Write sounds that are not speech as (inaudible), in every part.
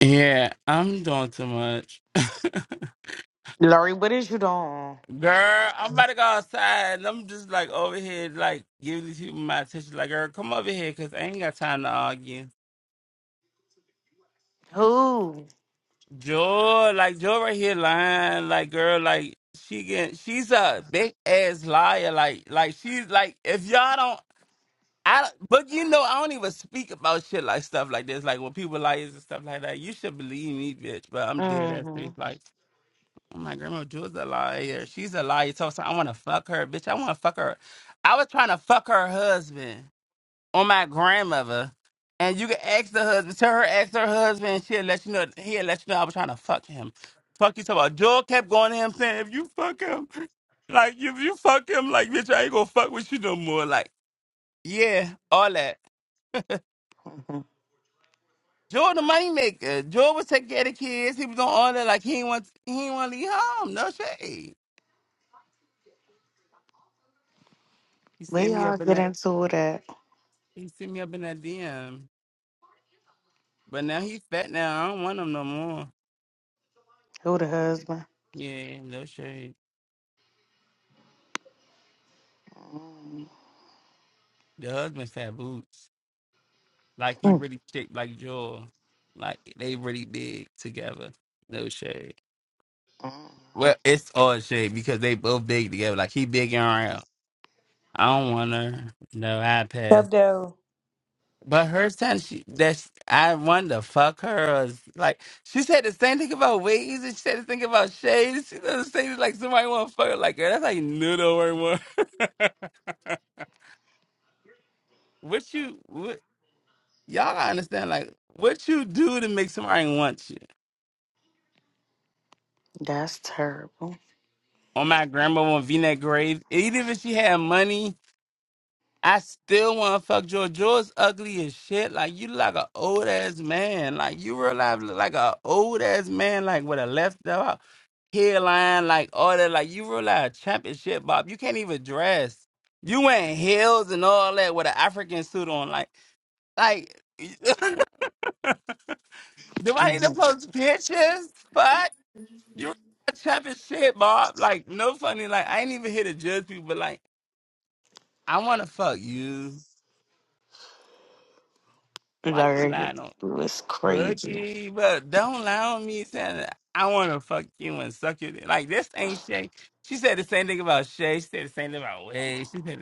Yeah, I'm doing too much. (laughs) Lori, what is you doing? Girl, I'm about to go outside and I'm just like over here, like giving these people my attention. Like, girl, come over here because I ain't got time to argue. Who? Joy, like, Joy right here lying. Like, girl, like, she get, she's a big ass liar. Like, like she's like, if y'all don't, I, don't- but you know, I don't even speak about shit like stuff like this. Like, when people liars and stuff like that, you should believe me, bitch. But I'm dead ass Mm-hmm. serious. Like, My grandma Jewel's a liar. She's a liar. So, so I want to fuck her, bitch. I want to fuck her. I was trying to fuck her husband on my grandmother, and you can ask the husband. Tell her, ask her husband. She'll let you know. He'll let you know I was trying to fuck him. Fuck you, so about Jewel kept going to him saying, if you fuck him, like if you fuck him, like bitch, I ain't gonna fuck with you no more. Like yeah, all that. (laughs) hmm Joel the money maker. Joel was taking care of the kids. He was on all that. Like he ain't want he ain't want to leave home. No shade. He sent We me all up in get that. into it at He sent me up in that DM. But now he fat now. I don't want him no more. who the husband. Yeah, no shade. mm The husband fat boots. Like he mm really thick like Joel. Like they really big together. No shade. Mm. Well, it's all shade because they both big together. Like he big and round. I don't want her. No iPads. Hebdo. But her son, she that I wanted to fuck her. Or, like she said the same thing about wigs, and she said the thing about shades. She doesn't say like somebody want to fuck her like her. That's like little or more. (laughs) what you what y'all gotta understand? Like what you do to make somebody want you. That's terrible. On my grandma on V-neck grave, even if she had money, I still want to fuck George. George's ugly as shit. Like you look like an old ass man. Like you realize look like an old ass man. Like with a left out. hairline, like all that. Like you realize championship, Bob. You can't even dress. You wearing heels and all that with an African suit on. Like, like, (laughs) do I need hmm to post pictures? But you realize championship, Bob. Like, no funny. Like, I ain't even here to judge people, but like, I want to fuck you. Why you Lori, you lying on was crazy. All Boogie? But don't lie on me saying that I want to fuck you and suck you. Like, this ain't shit. She said the same thing about Shay. She said the same thing about Wade. She said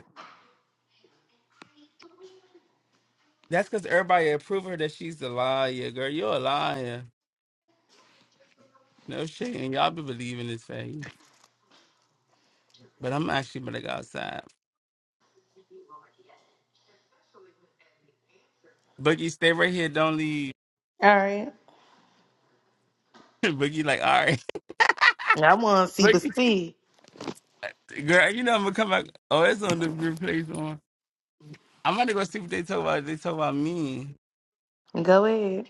That's because everybody approve her that she's a liar, girl. You're a liar. No shit. And y'all be believing this fake, But I'm actually gonna go outside. Boogie, stay right here. Don't leave. right. (laughs) Boogie, like, all right. I want to (laughs) see, but Boogie, see. girl, you know I'm gonna come back. Oh, it's on the replays on. I'm gonna go see what they talk about. They talk about me. Go ahead.